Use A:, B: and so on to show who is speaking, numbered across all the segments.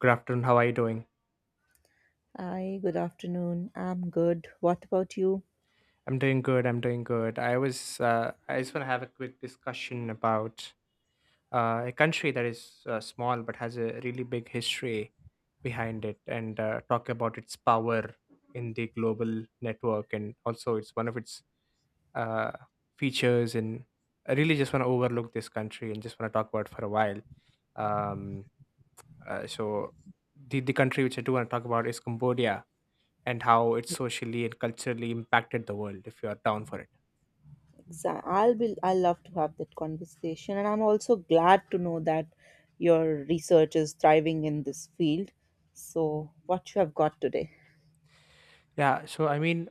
A: Good afternoon. How are you doing?
B: Hi, good afternoon. I'm good. What about you?
A: I'm doing good. I'm doing good. I was. I just want to have a quick discussion about a country that is small but has a really big history behind it, and talk about its power in the global network, and also it's one of its uh, features. And I really just want to overlook this country and just want to talk about it for a while. Um, uh, so, the country which I do want to talk about is Cambodia, and how it socially and culturally impacted the world, if you are down for it.
B: I love to have that conversation, and I'm also glad to know that your research is thriving in this field. So, what you have got today?
A: Yeah, so I mean,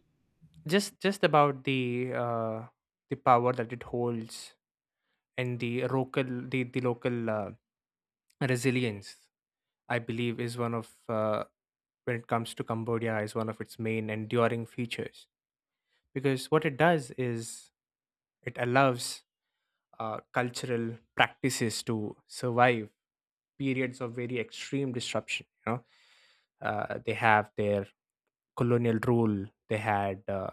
A: just about the power that it holds, and the the local resilience, I believe, is one of, when it comes to Cambodia, is one of its main enduring features, because what it does is it allows cultural practices to survive periods of very extreme disruption, you know. Uh, they have their colonial rule. They had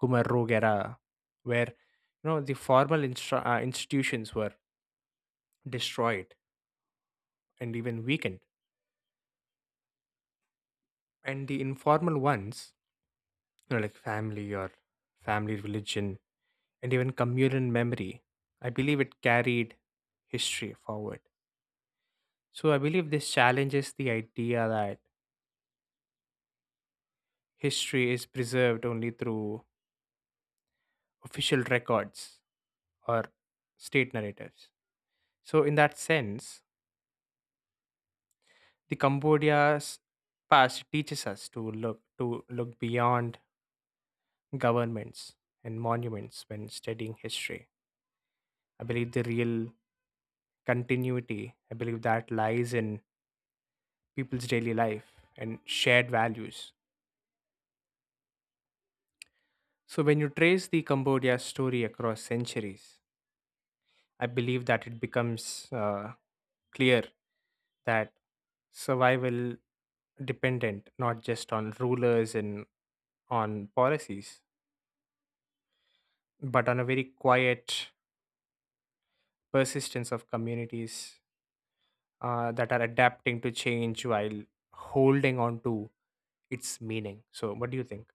A: Khmer Rouge era, where, you know, the formal institutions were destroyed and even weakened, and the informal ones, you know, like family, or family religion, and even communal memory, I believe it carried history forward. So I believe this challenges the idea that history is preserved only through official records or state narratives. So, in that sense, the Cambodia's past teaches us to look beyond governments and monuments when studying history. I believe the real continuity, I believe that lies in people's daily life and shared values. So when you trace the Cambodia story across centuries, I believe that it becomes clear that survival dependent not just on rulers and on policies, but on a very quiet persistence of communities that are adapting to change while holding on to its meaning. So, what do you think?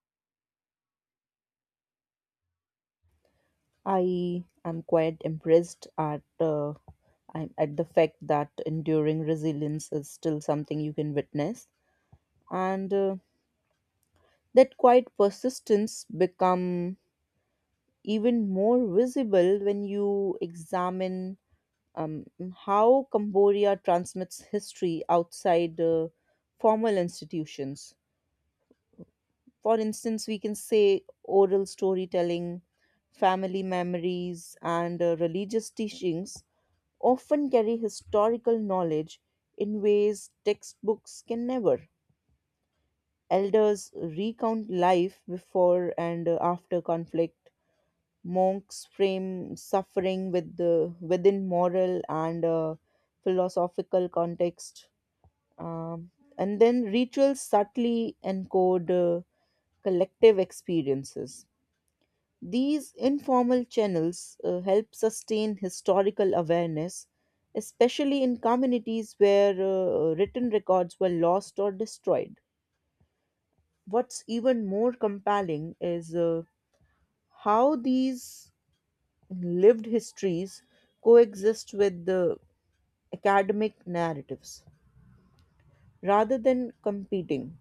B: I am quite impressed at I'm at the fact that enduring resilience is still something you can witness, and that quiet persistence become even more visible when you examine um, how Cambodia transmits history outside formal institutions. For instance, we can say oral storytelling, family memories, and religious teachings often carry historical knowledge in ways textbooks can never. Elders recount life before and after conflict. Monks frame suffering with within moral and philosophical context. Um, and then rituals subtly encode collective experiences. These informal channels help sustain historical awareness, especially in communities where written records were lost or destroyed. What's even more compelling is how these lived histories coexist with the academic narratives rather than competing.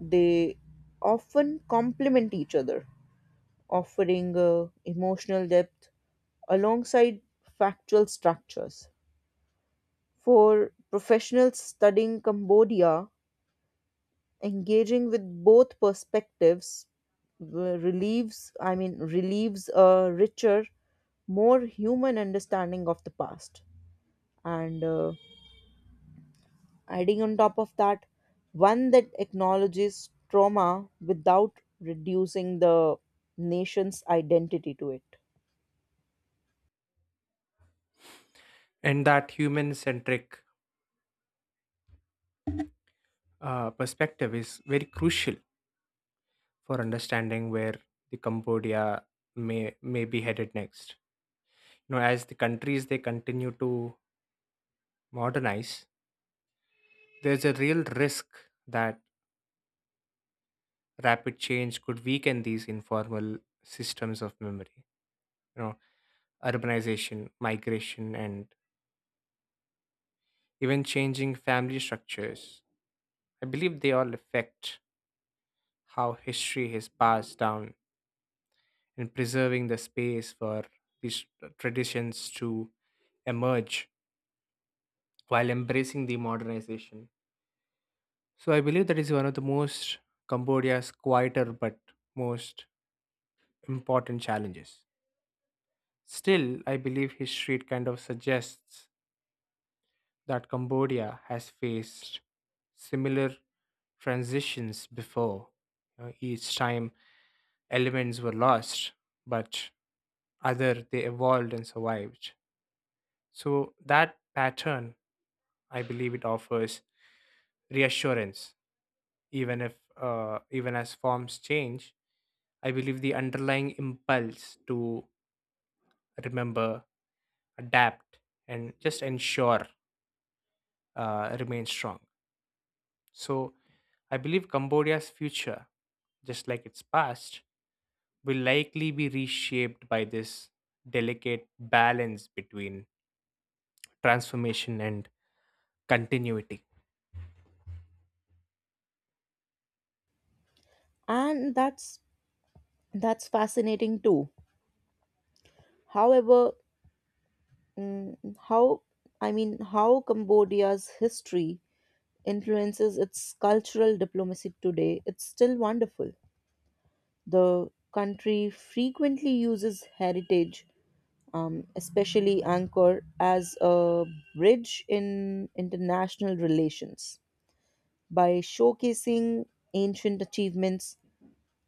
B: They often complement each other, offering emotional depth alongside factual structures. For professionals studying Cambodia, engaging with both perspectives relieves a richer, more human understanding of the past. And adding on top of that, one that acknowledges trauma without reducing the nation's identity to it.
A: And that human centric perspective is very crucial for understanding where the Cambodia may be headed next. You know, as the countries they continue to modernize, there's a real risk that rapid change could weaken these informal systems of memory. You know, urbanization, migration, and even changing family structures, I believe they all affect how history is passed down, and preserving the space for these traditions to emerge while embracing the modernization. So I believe that is one of the most Cambodia's quieter but most important challenges. Still, I believe history kind of suggests that Cambodia has faced similar transitions before. You know, each time elements were lost, but other they evolved and survived. So that pattern, I believe, it offers reassurance, even if even as forms change. I believe the underlying impulse to remember, adapt, and just ensure remains strong. So I believe Cambodia's future, just like its past, will likely be reshaped by this delicate balance between transformation and continuity.
B: And that's fascinating too. However, mm, how I mean how Cambodia's history influences its cultural diplomacy today, it's still wonderful. The country frequently uses heritage, especially Anchor, as a bridge in international relations. By showcasing ancient achievements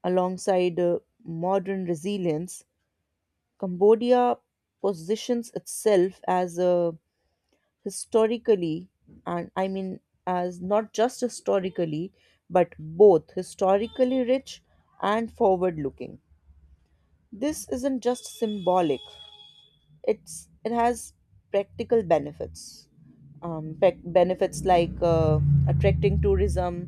B: alongside modern resilience, Cambodia positions itself as a historically and I mean as not just historically, but both historically rich and forward looking. This isn't just symbolic, it's it has practical benefits, benefits like attracting tourism,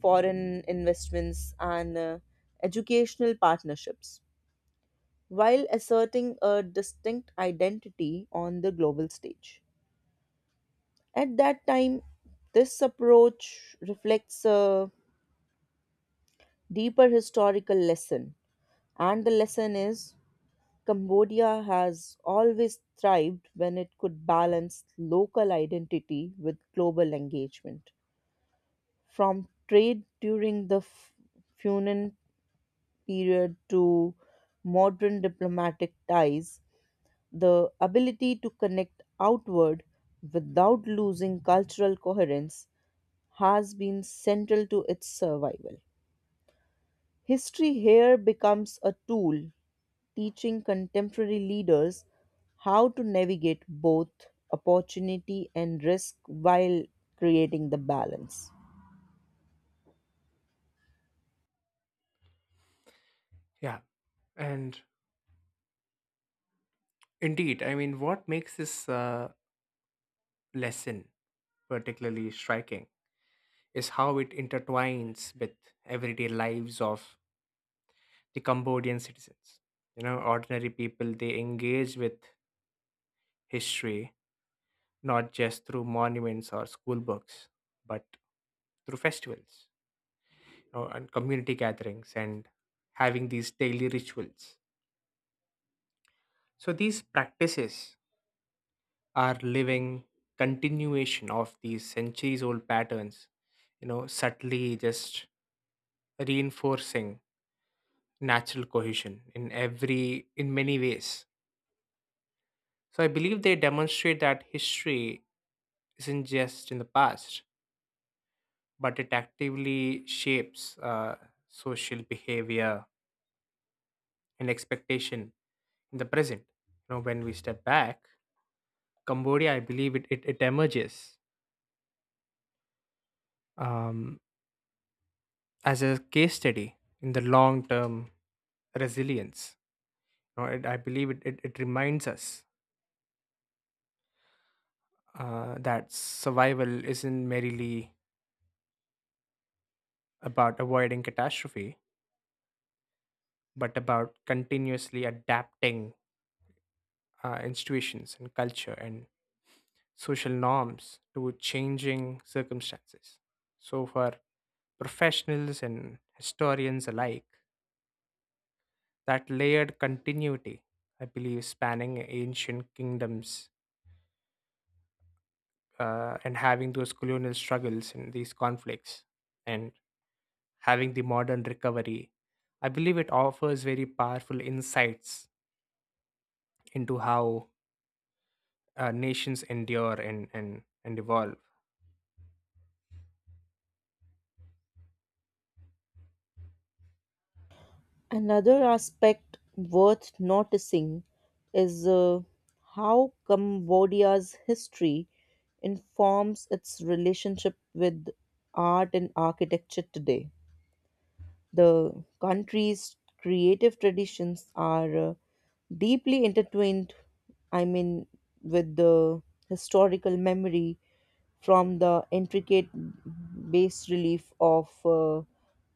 B: foreign investments, and educational partnerships, while asserting a distinct identity on the global stage. At that time, this approach reflects a deeper historical lesson, and the lesson is, Cambodia has always thrived when it could balance local identity with global engagement. From trade during the Funan period to modern diplomatic ties, the ability to connect outward without losing cultural coherence has been central to its survival. History here becomes a tool teaching contemporary leaders how to navigate both opportunity and risk while creating the balance.
A: Yeah, and indeed, I mean, what makes this lesson particularly striking is how it intertwines with everyday lives of the Cambodian citizens. You know, ordinary people, they engage with history not just through monuments or school books, but through festivals, you know, and community gatherings and having these daily rituals. So, these practices are living continuation of these centuries old patterns, you know, subtly just reinforcing natural cohesion in every in many ways. So I believe they demonstrate that history isn't just in the past, but it actively shapes social behavior and expectation in the present. You know, when we step back, Cambodia, I believe it emerges um, as a case study in the long term resilience. You know, I believe it reminds us that survival isn't merely about avoiding catastrophe, but about continuously adapting institutions and culture and social norms to changing circumstances. So, for professionals and historians alike, that layered continuity, I believe, spanning ancient kingdoms, and having those colonial struggles and these conflicts, and having the modern recovery, I believe it offers very powerful insights into how nations endure and evolve.
B: Another aspect worth noticing is how Cambodia's history informs its relationship with art and architecture today. The country's creative traditions are deeply intertwined, I mean, with the historical memory, from the intricate bas relief of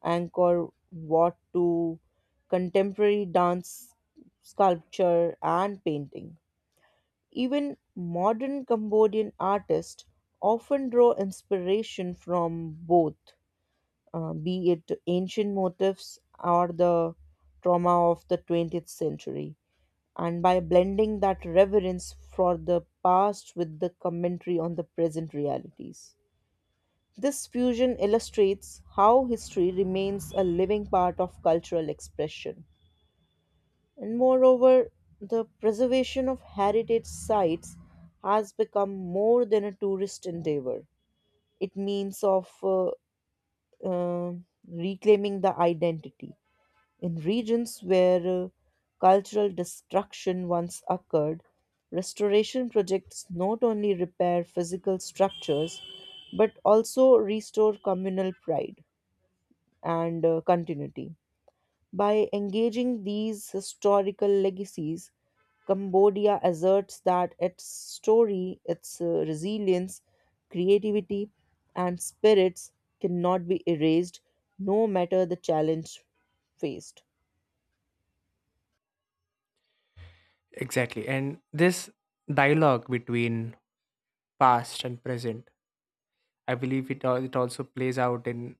B: Angkor Wat to contemporary dance, sculpture, and painting. Even modern Cambodian artists often draw inspiration from both, be it ancient motifs or the trauma of the 20th century, and by blending that reverence for the past with the commentary on the present realities. This fusion illustrates how history remains a living part of cultural expression. And moreover, the preservation of heritage sites has become more than a tourist endeavor. It means of uh, reclaiming the identity. In regions where cultural destruction once occurred, restoration projects not only repair physical structures but also restore communal pride and continuity. By engaging these historical legacies, Cambodia asserts that its story, its resilience, creativity, and spirits cannot be erased no matter the challenge faced.
A: Exactly. And this dialogue between past and present, I believe it also plays out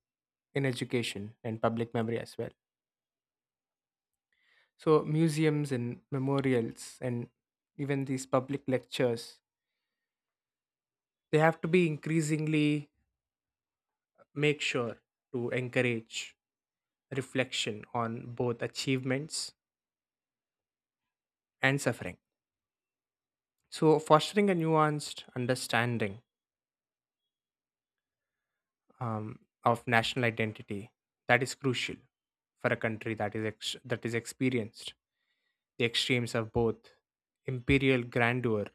A: in education and public memory as well. So, museums and memorials and even these public lectures, they have to be increasingly make sure to encourage reflection on both achievements and suffering. So, fostering a nuanced understanding um, of national identity that is crucial for a country that is experienced the extremes of both imperial grandeur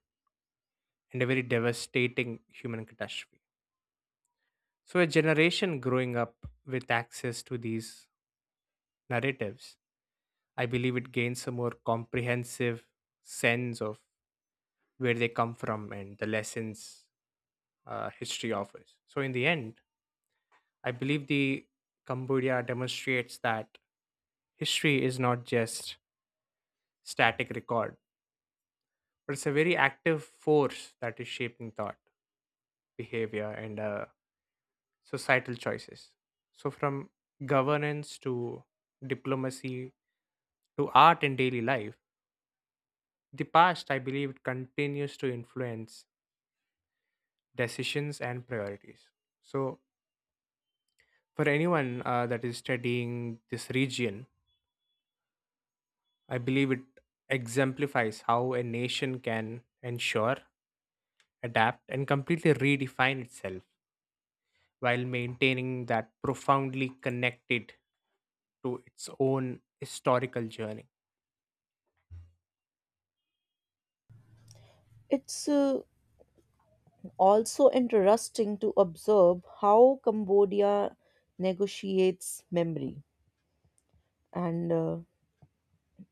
A: and a very devastating human catastrophe. So, a generation growing up with access to these narratives, I believe it gains a more comprehensive sense of where they come from, and the lessons history offers. So, in the end, I believe the Cambodia demonstrates that history is not just static record, but it's a very active force that is shaping thought, behavior, and societal choices. So, from governance to diplomacy to art and daily life, the past, I believe, it continues to influence decisions and priorities. So, for anyone that is studying this region, I believe it exemplifies how a nation can ensure, adapt, and completely redefine itself while maintaining that profoundly connected to its own historical journey.
B: It's also interesting to observe how Cambodia negotiates memory and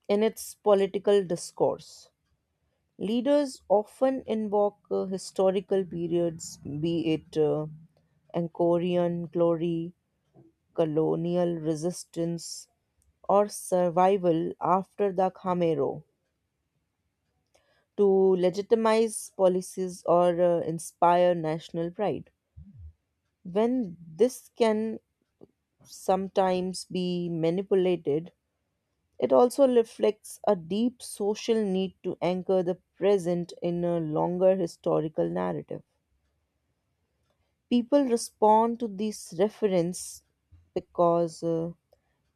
B: in its political discourse. Leaders often invoke historical periods, be it Angkorian glory, colonial resistance, or survival after the Khmer Rouge, to legitimize policies or inspire national pride. When this can sometimes be manipulated, it also reflects a deep social need to anchor the present in a longer historical narrative. People respond to these references because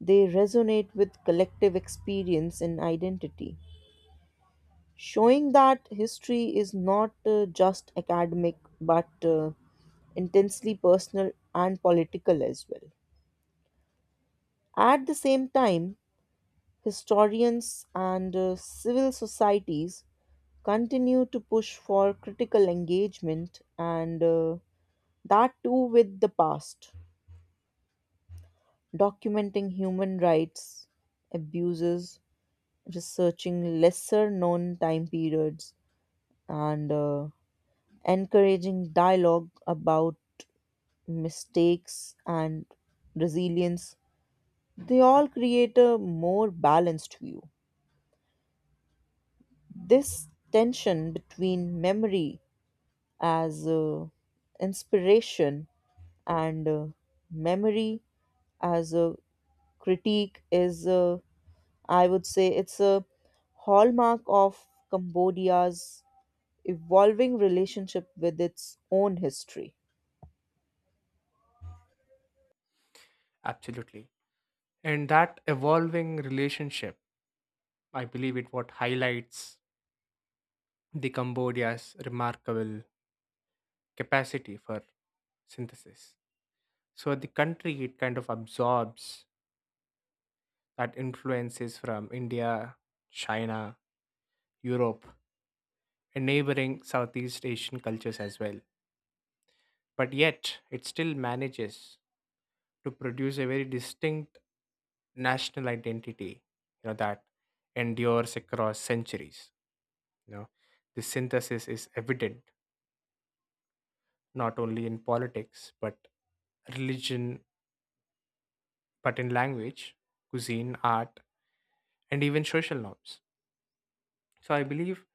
B: they resonate with collective experience and identity, showing that history is not just academic but intensely personal and political as well. At the same time, historians and civil societies continue to push for critical engagement and that too with the past, documenting human rights abuses, researching lesser known time periods, and encouraging dialogue about mistakes and resilience. They all create a more balanced view. This tension between memory as inspiration and memory as a critique is I would say it's a hallmark of Cambodia's evolving relationship with its own history.
A: Absolutely. And that evolving relationship, I believe it what highlights the Cambodia's remarkable capacity for synthesis. So the country it kind of absorbs that influences from India, China, Europe, and neighboring Southeast Asian cultures as well. But yet, it still manages to produce a very distinct national identity, you know, that endures across centuries. You know, this synthesis is evident not only in politics but religion, but in language, cuisine, art, and even social norms. So I believe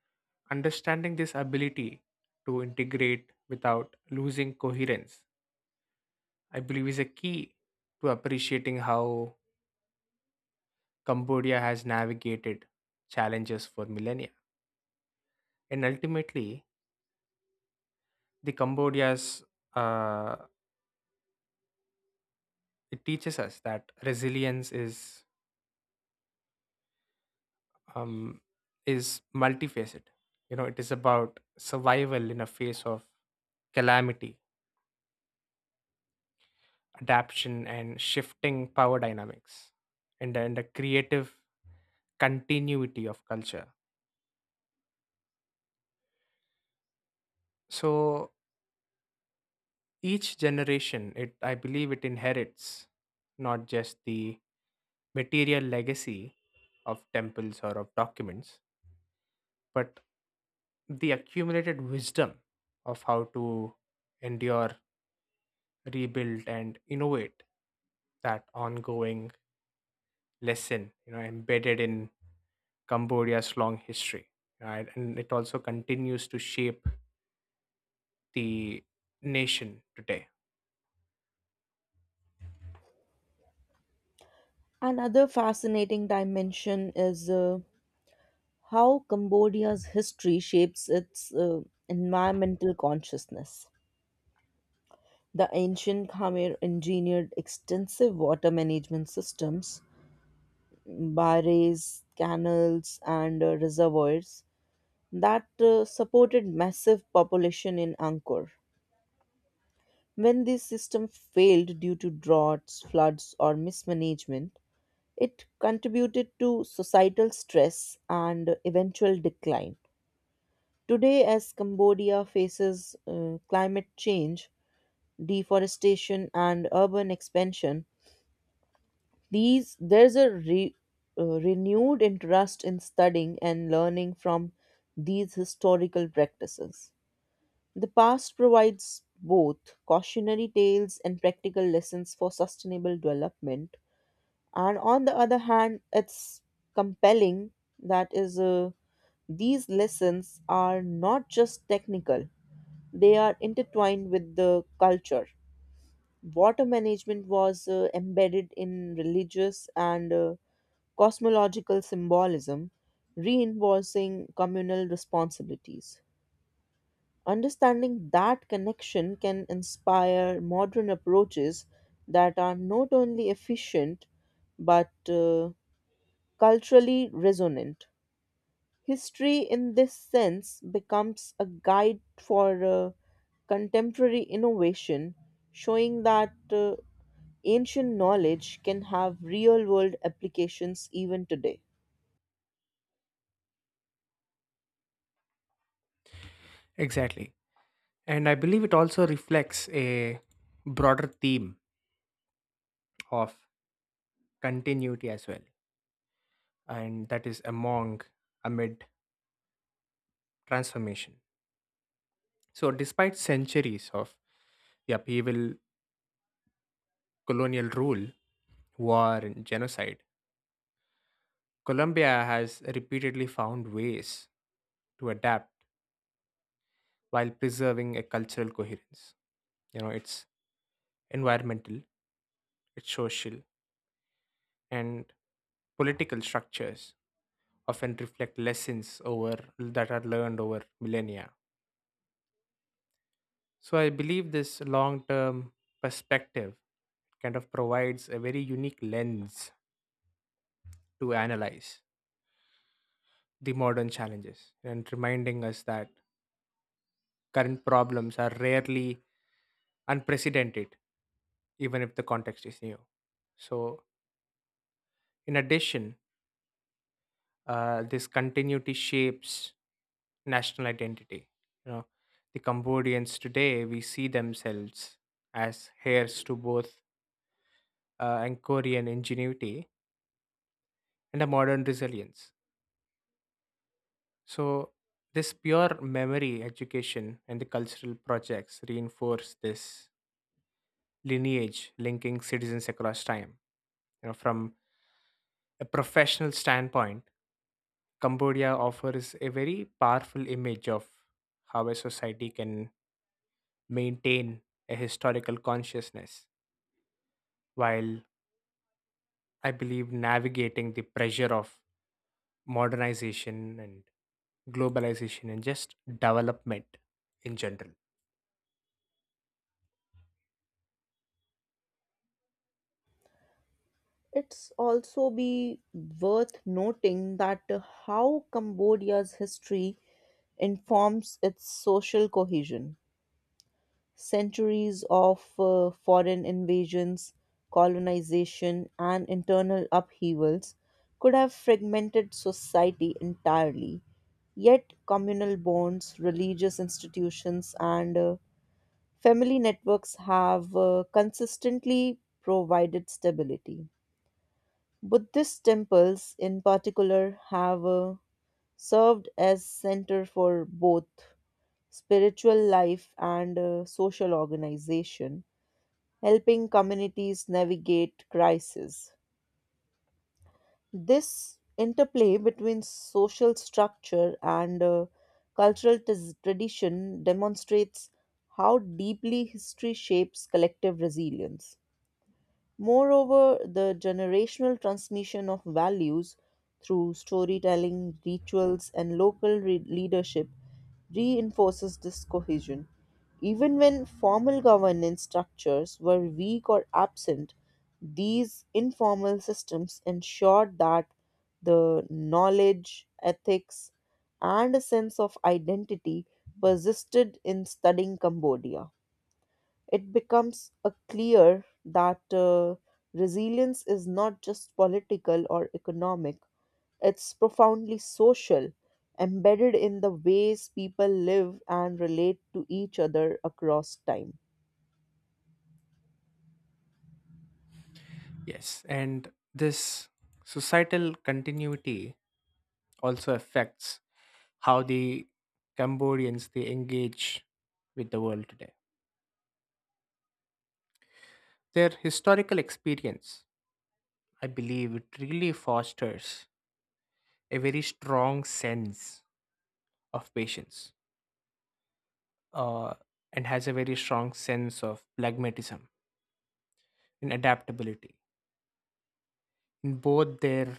A: understanding this ability to integrate without losing coherence, I believe, is a key to appreciating how Cambodia has navigated challenges for millennia. And ultimately, the Cambodia's uh, it teaches us that resilience um, is multifaceted. You know, it is about survival in a face of calamity, adaptation, and shifting power dynamics, and a creative continuity of culture. So each generation, it I believe it inherits not just the material legacy of temples or of documents, but the accumulated wisdom of how to endure, rebuild, and innovate that ongoing lesson, you know, embedded in Cambodia's long history. Right? And it also continues to shape the nation today.
B: Another fascinating dimension is how Cambodia's history shapes its environmental consciousness. The ancient Khmer engineered extensive water management systems, barrages, canals, and reservoirs that supported massive population in Angkor. When this system failed due to droughts, floods, or mismanagement, it contributed to societal stress and eventual decline. Today, as Cambodia faces climate change, deforestation, and urban expansion, These there's a re, renewed interest in studying and learning from these historical practices. The past provides both cautionary tales and practical lessons for sustainable development, and on the other hand, it's compelling that is these lessons are not just technical, they are intertwined with the culture. Water management was embedded in religious and cosmological symbolism, reinforcing communal responsibilities. Understanding that connection can inspire modern approaches that are not only efficient but culturally resonant. History, in this sense, becomes a guide for contemporary innovation, showing that ancient knowledge can have real world applications even today.
A: Exactly. And I believe it also reflects a broader theme of continuity as well, and that is among amid transformation. So, despite centuries of the upheaval, colonial rule, war, and genocide, Colombia has repeatedly found ways to adapt while preserving a cultural coherence. You know, its environmental, its social, and political structures often reflect lessons over that are learned over millennia. So I believe this long term perspective kind of provides a very unique lens to analyze the modern challenges, and reminding us that current problems are rarely unprecedented, even if the context is new. So, in addition, this continuity shapes national identity. You know, the Cambodians today we see themselves as heirs to both Angkorian ingenuity and a modern resilience. So, this pure memory education and the cultural projects reinforce this lineage, linking citizens across time. You know, from a professional standpoint, Cambodia offers a very powerful image of how a society can maintain a historical consciousness while, I believe, navigating the pressure of modernization and globalization and just development in general.
B: It's also be worth noting that how Cambodia's history informs its social cohesion. Centuries of foreign invasions, colonization, and internal upheavals could have fragmented society entirely. Yet, communal bonds, religious institutions, and family networks have consistently provided stability. Buddhist temples, in particular, have served as center for both spiritual life and social organization, helping communities navigate crises. This interplay between social structure and cultural tradition demonstrates how deeply history shapes collective resilience. Moreover, the generational transmission of values through storytelling, rituals, and local leadership reinforces this cohesion. Even when formal governance structures were weak or absent, these informal systems ensured that the knowledge, ethics, and a sense of identity persisted. In studying Cambodia, it becomes a clear that resilience is not just political or economic, it's profoundly social, embedded in the ways people live and relate to each other across time.
A: Yes, and this societal continuity also affects how the Cambodians they engage with the world today. Their historical experience, I believe, it really fosters a very strong sense of patience, uh, and has a very strong sense of pragmatism and adaptability in both their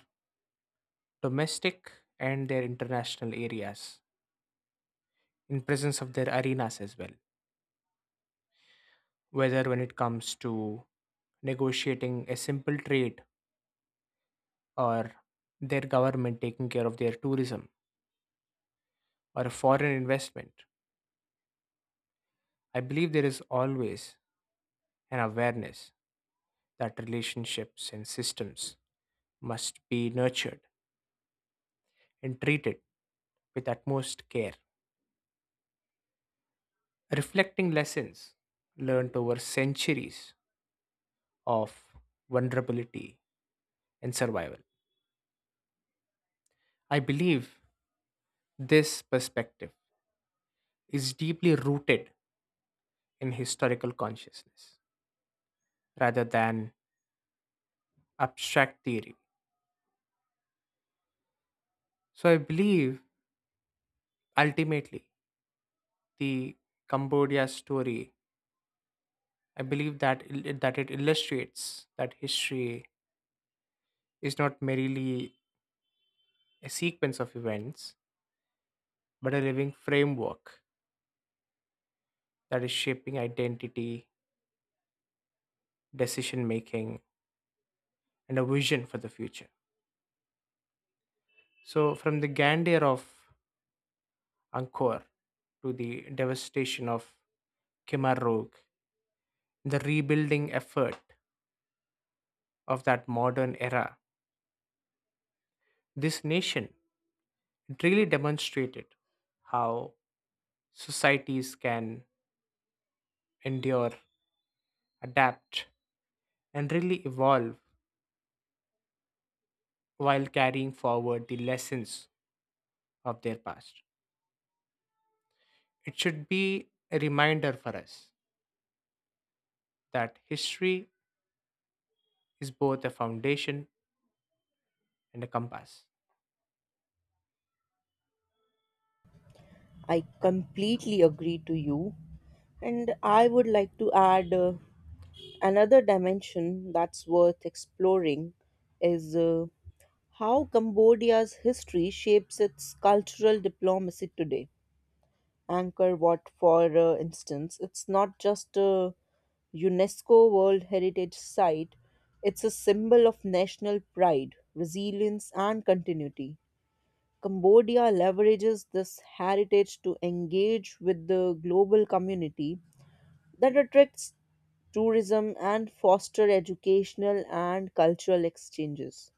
A: domestic and their international areas, in presence of their arenas as well, whether when it comes to negotiating a simple trade, or their government taking care of their tourism or a foreign investment. I believe there is always an awareness that relationships and systems must be nurtured and treated with utmost care, reflecting lessons learned over centuries of vulnerability and survival. I believe this perspective is deeply rooted in historical consciousness rather than abstract theory. So I believe ultimately the Cambodia story, I believe that that it illustrates that history is not merely a sequence of events, but a living framework that is shaping identity, decision making, and a vision for the future. So from the grandeur of Angkor to the devastation of Khmer Rouge, the rebuilding effort of that modern era, this nation it really demonstrated how societies can endure, adapt, and really evolve while carrying forward the lessons of their past. It should be a reminder for us that history is both a foundation and a compass.
B: I completely agree to you, and I would like to add another dimension that's worth exploring is how Cambodia's history shapes its cultural diplomacy today. Angkor Wat, for instance, it's not just a UNESCO World Heritage Site, it's a symbol of national pride, resilience, and continuity. Cambodia leverages this heritage to engage with the global community, that attracts tourism and foster educational and cultural exchanges.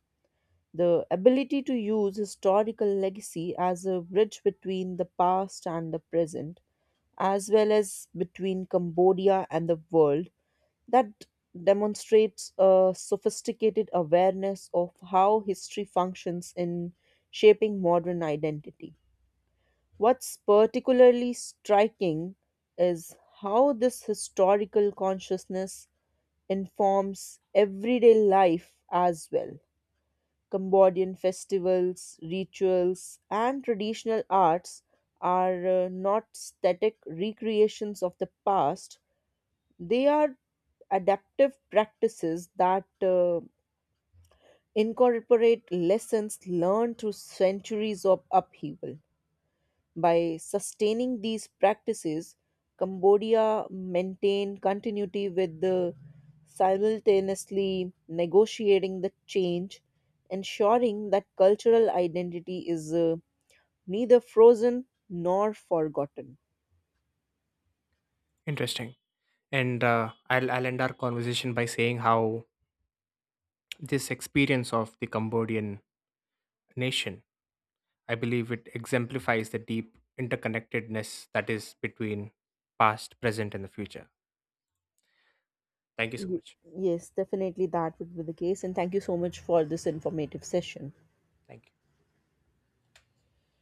B: The ability to use historical legacy as a bridge between the past and the present, as well as between Cambodia and the world, that demonstrates a sophisticated awareness of how history functions in shaping modern identity. What's particularly striking is how this historical consciousness informs everyday life as well. Cambodian festivals, rituals, and traditional arts are not static recreations of the past, they are adaptive practices that incorporate lessons learned through centuries of upheaval. By sustaining these practices, Cambodia maintained continuity with the simultaneously negotiating the change, ensuring that cultural identity is neither frozen nor forgotten.
A: Interesting. And I'll end our conversation by saying how this experience of the Cambodian nation, I believe it exemplifies the deep interconnectedness that is between past, present, and the future. Thank you so
B: Y-
A: much.
B: Yes, definitely that would be the case. And thank you so much for this informative session.
A: Thank you.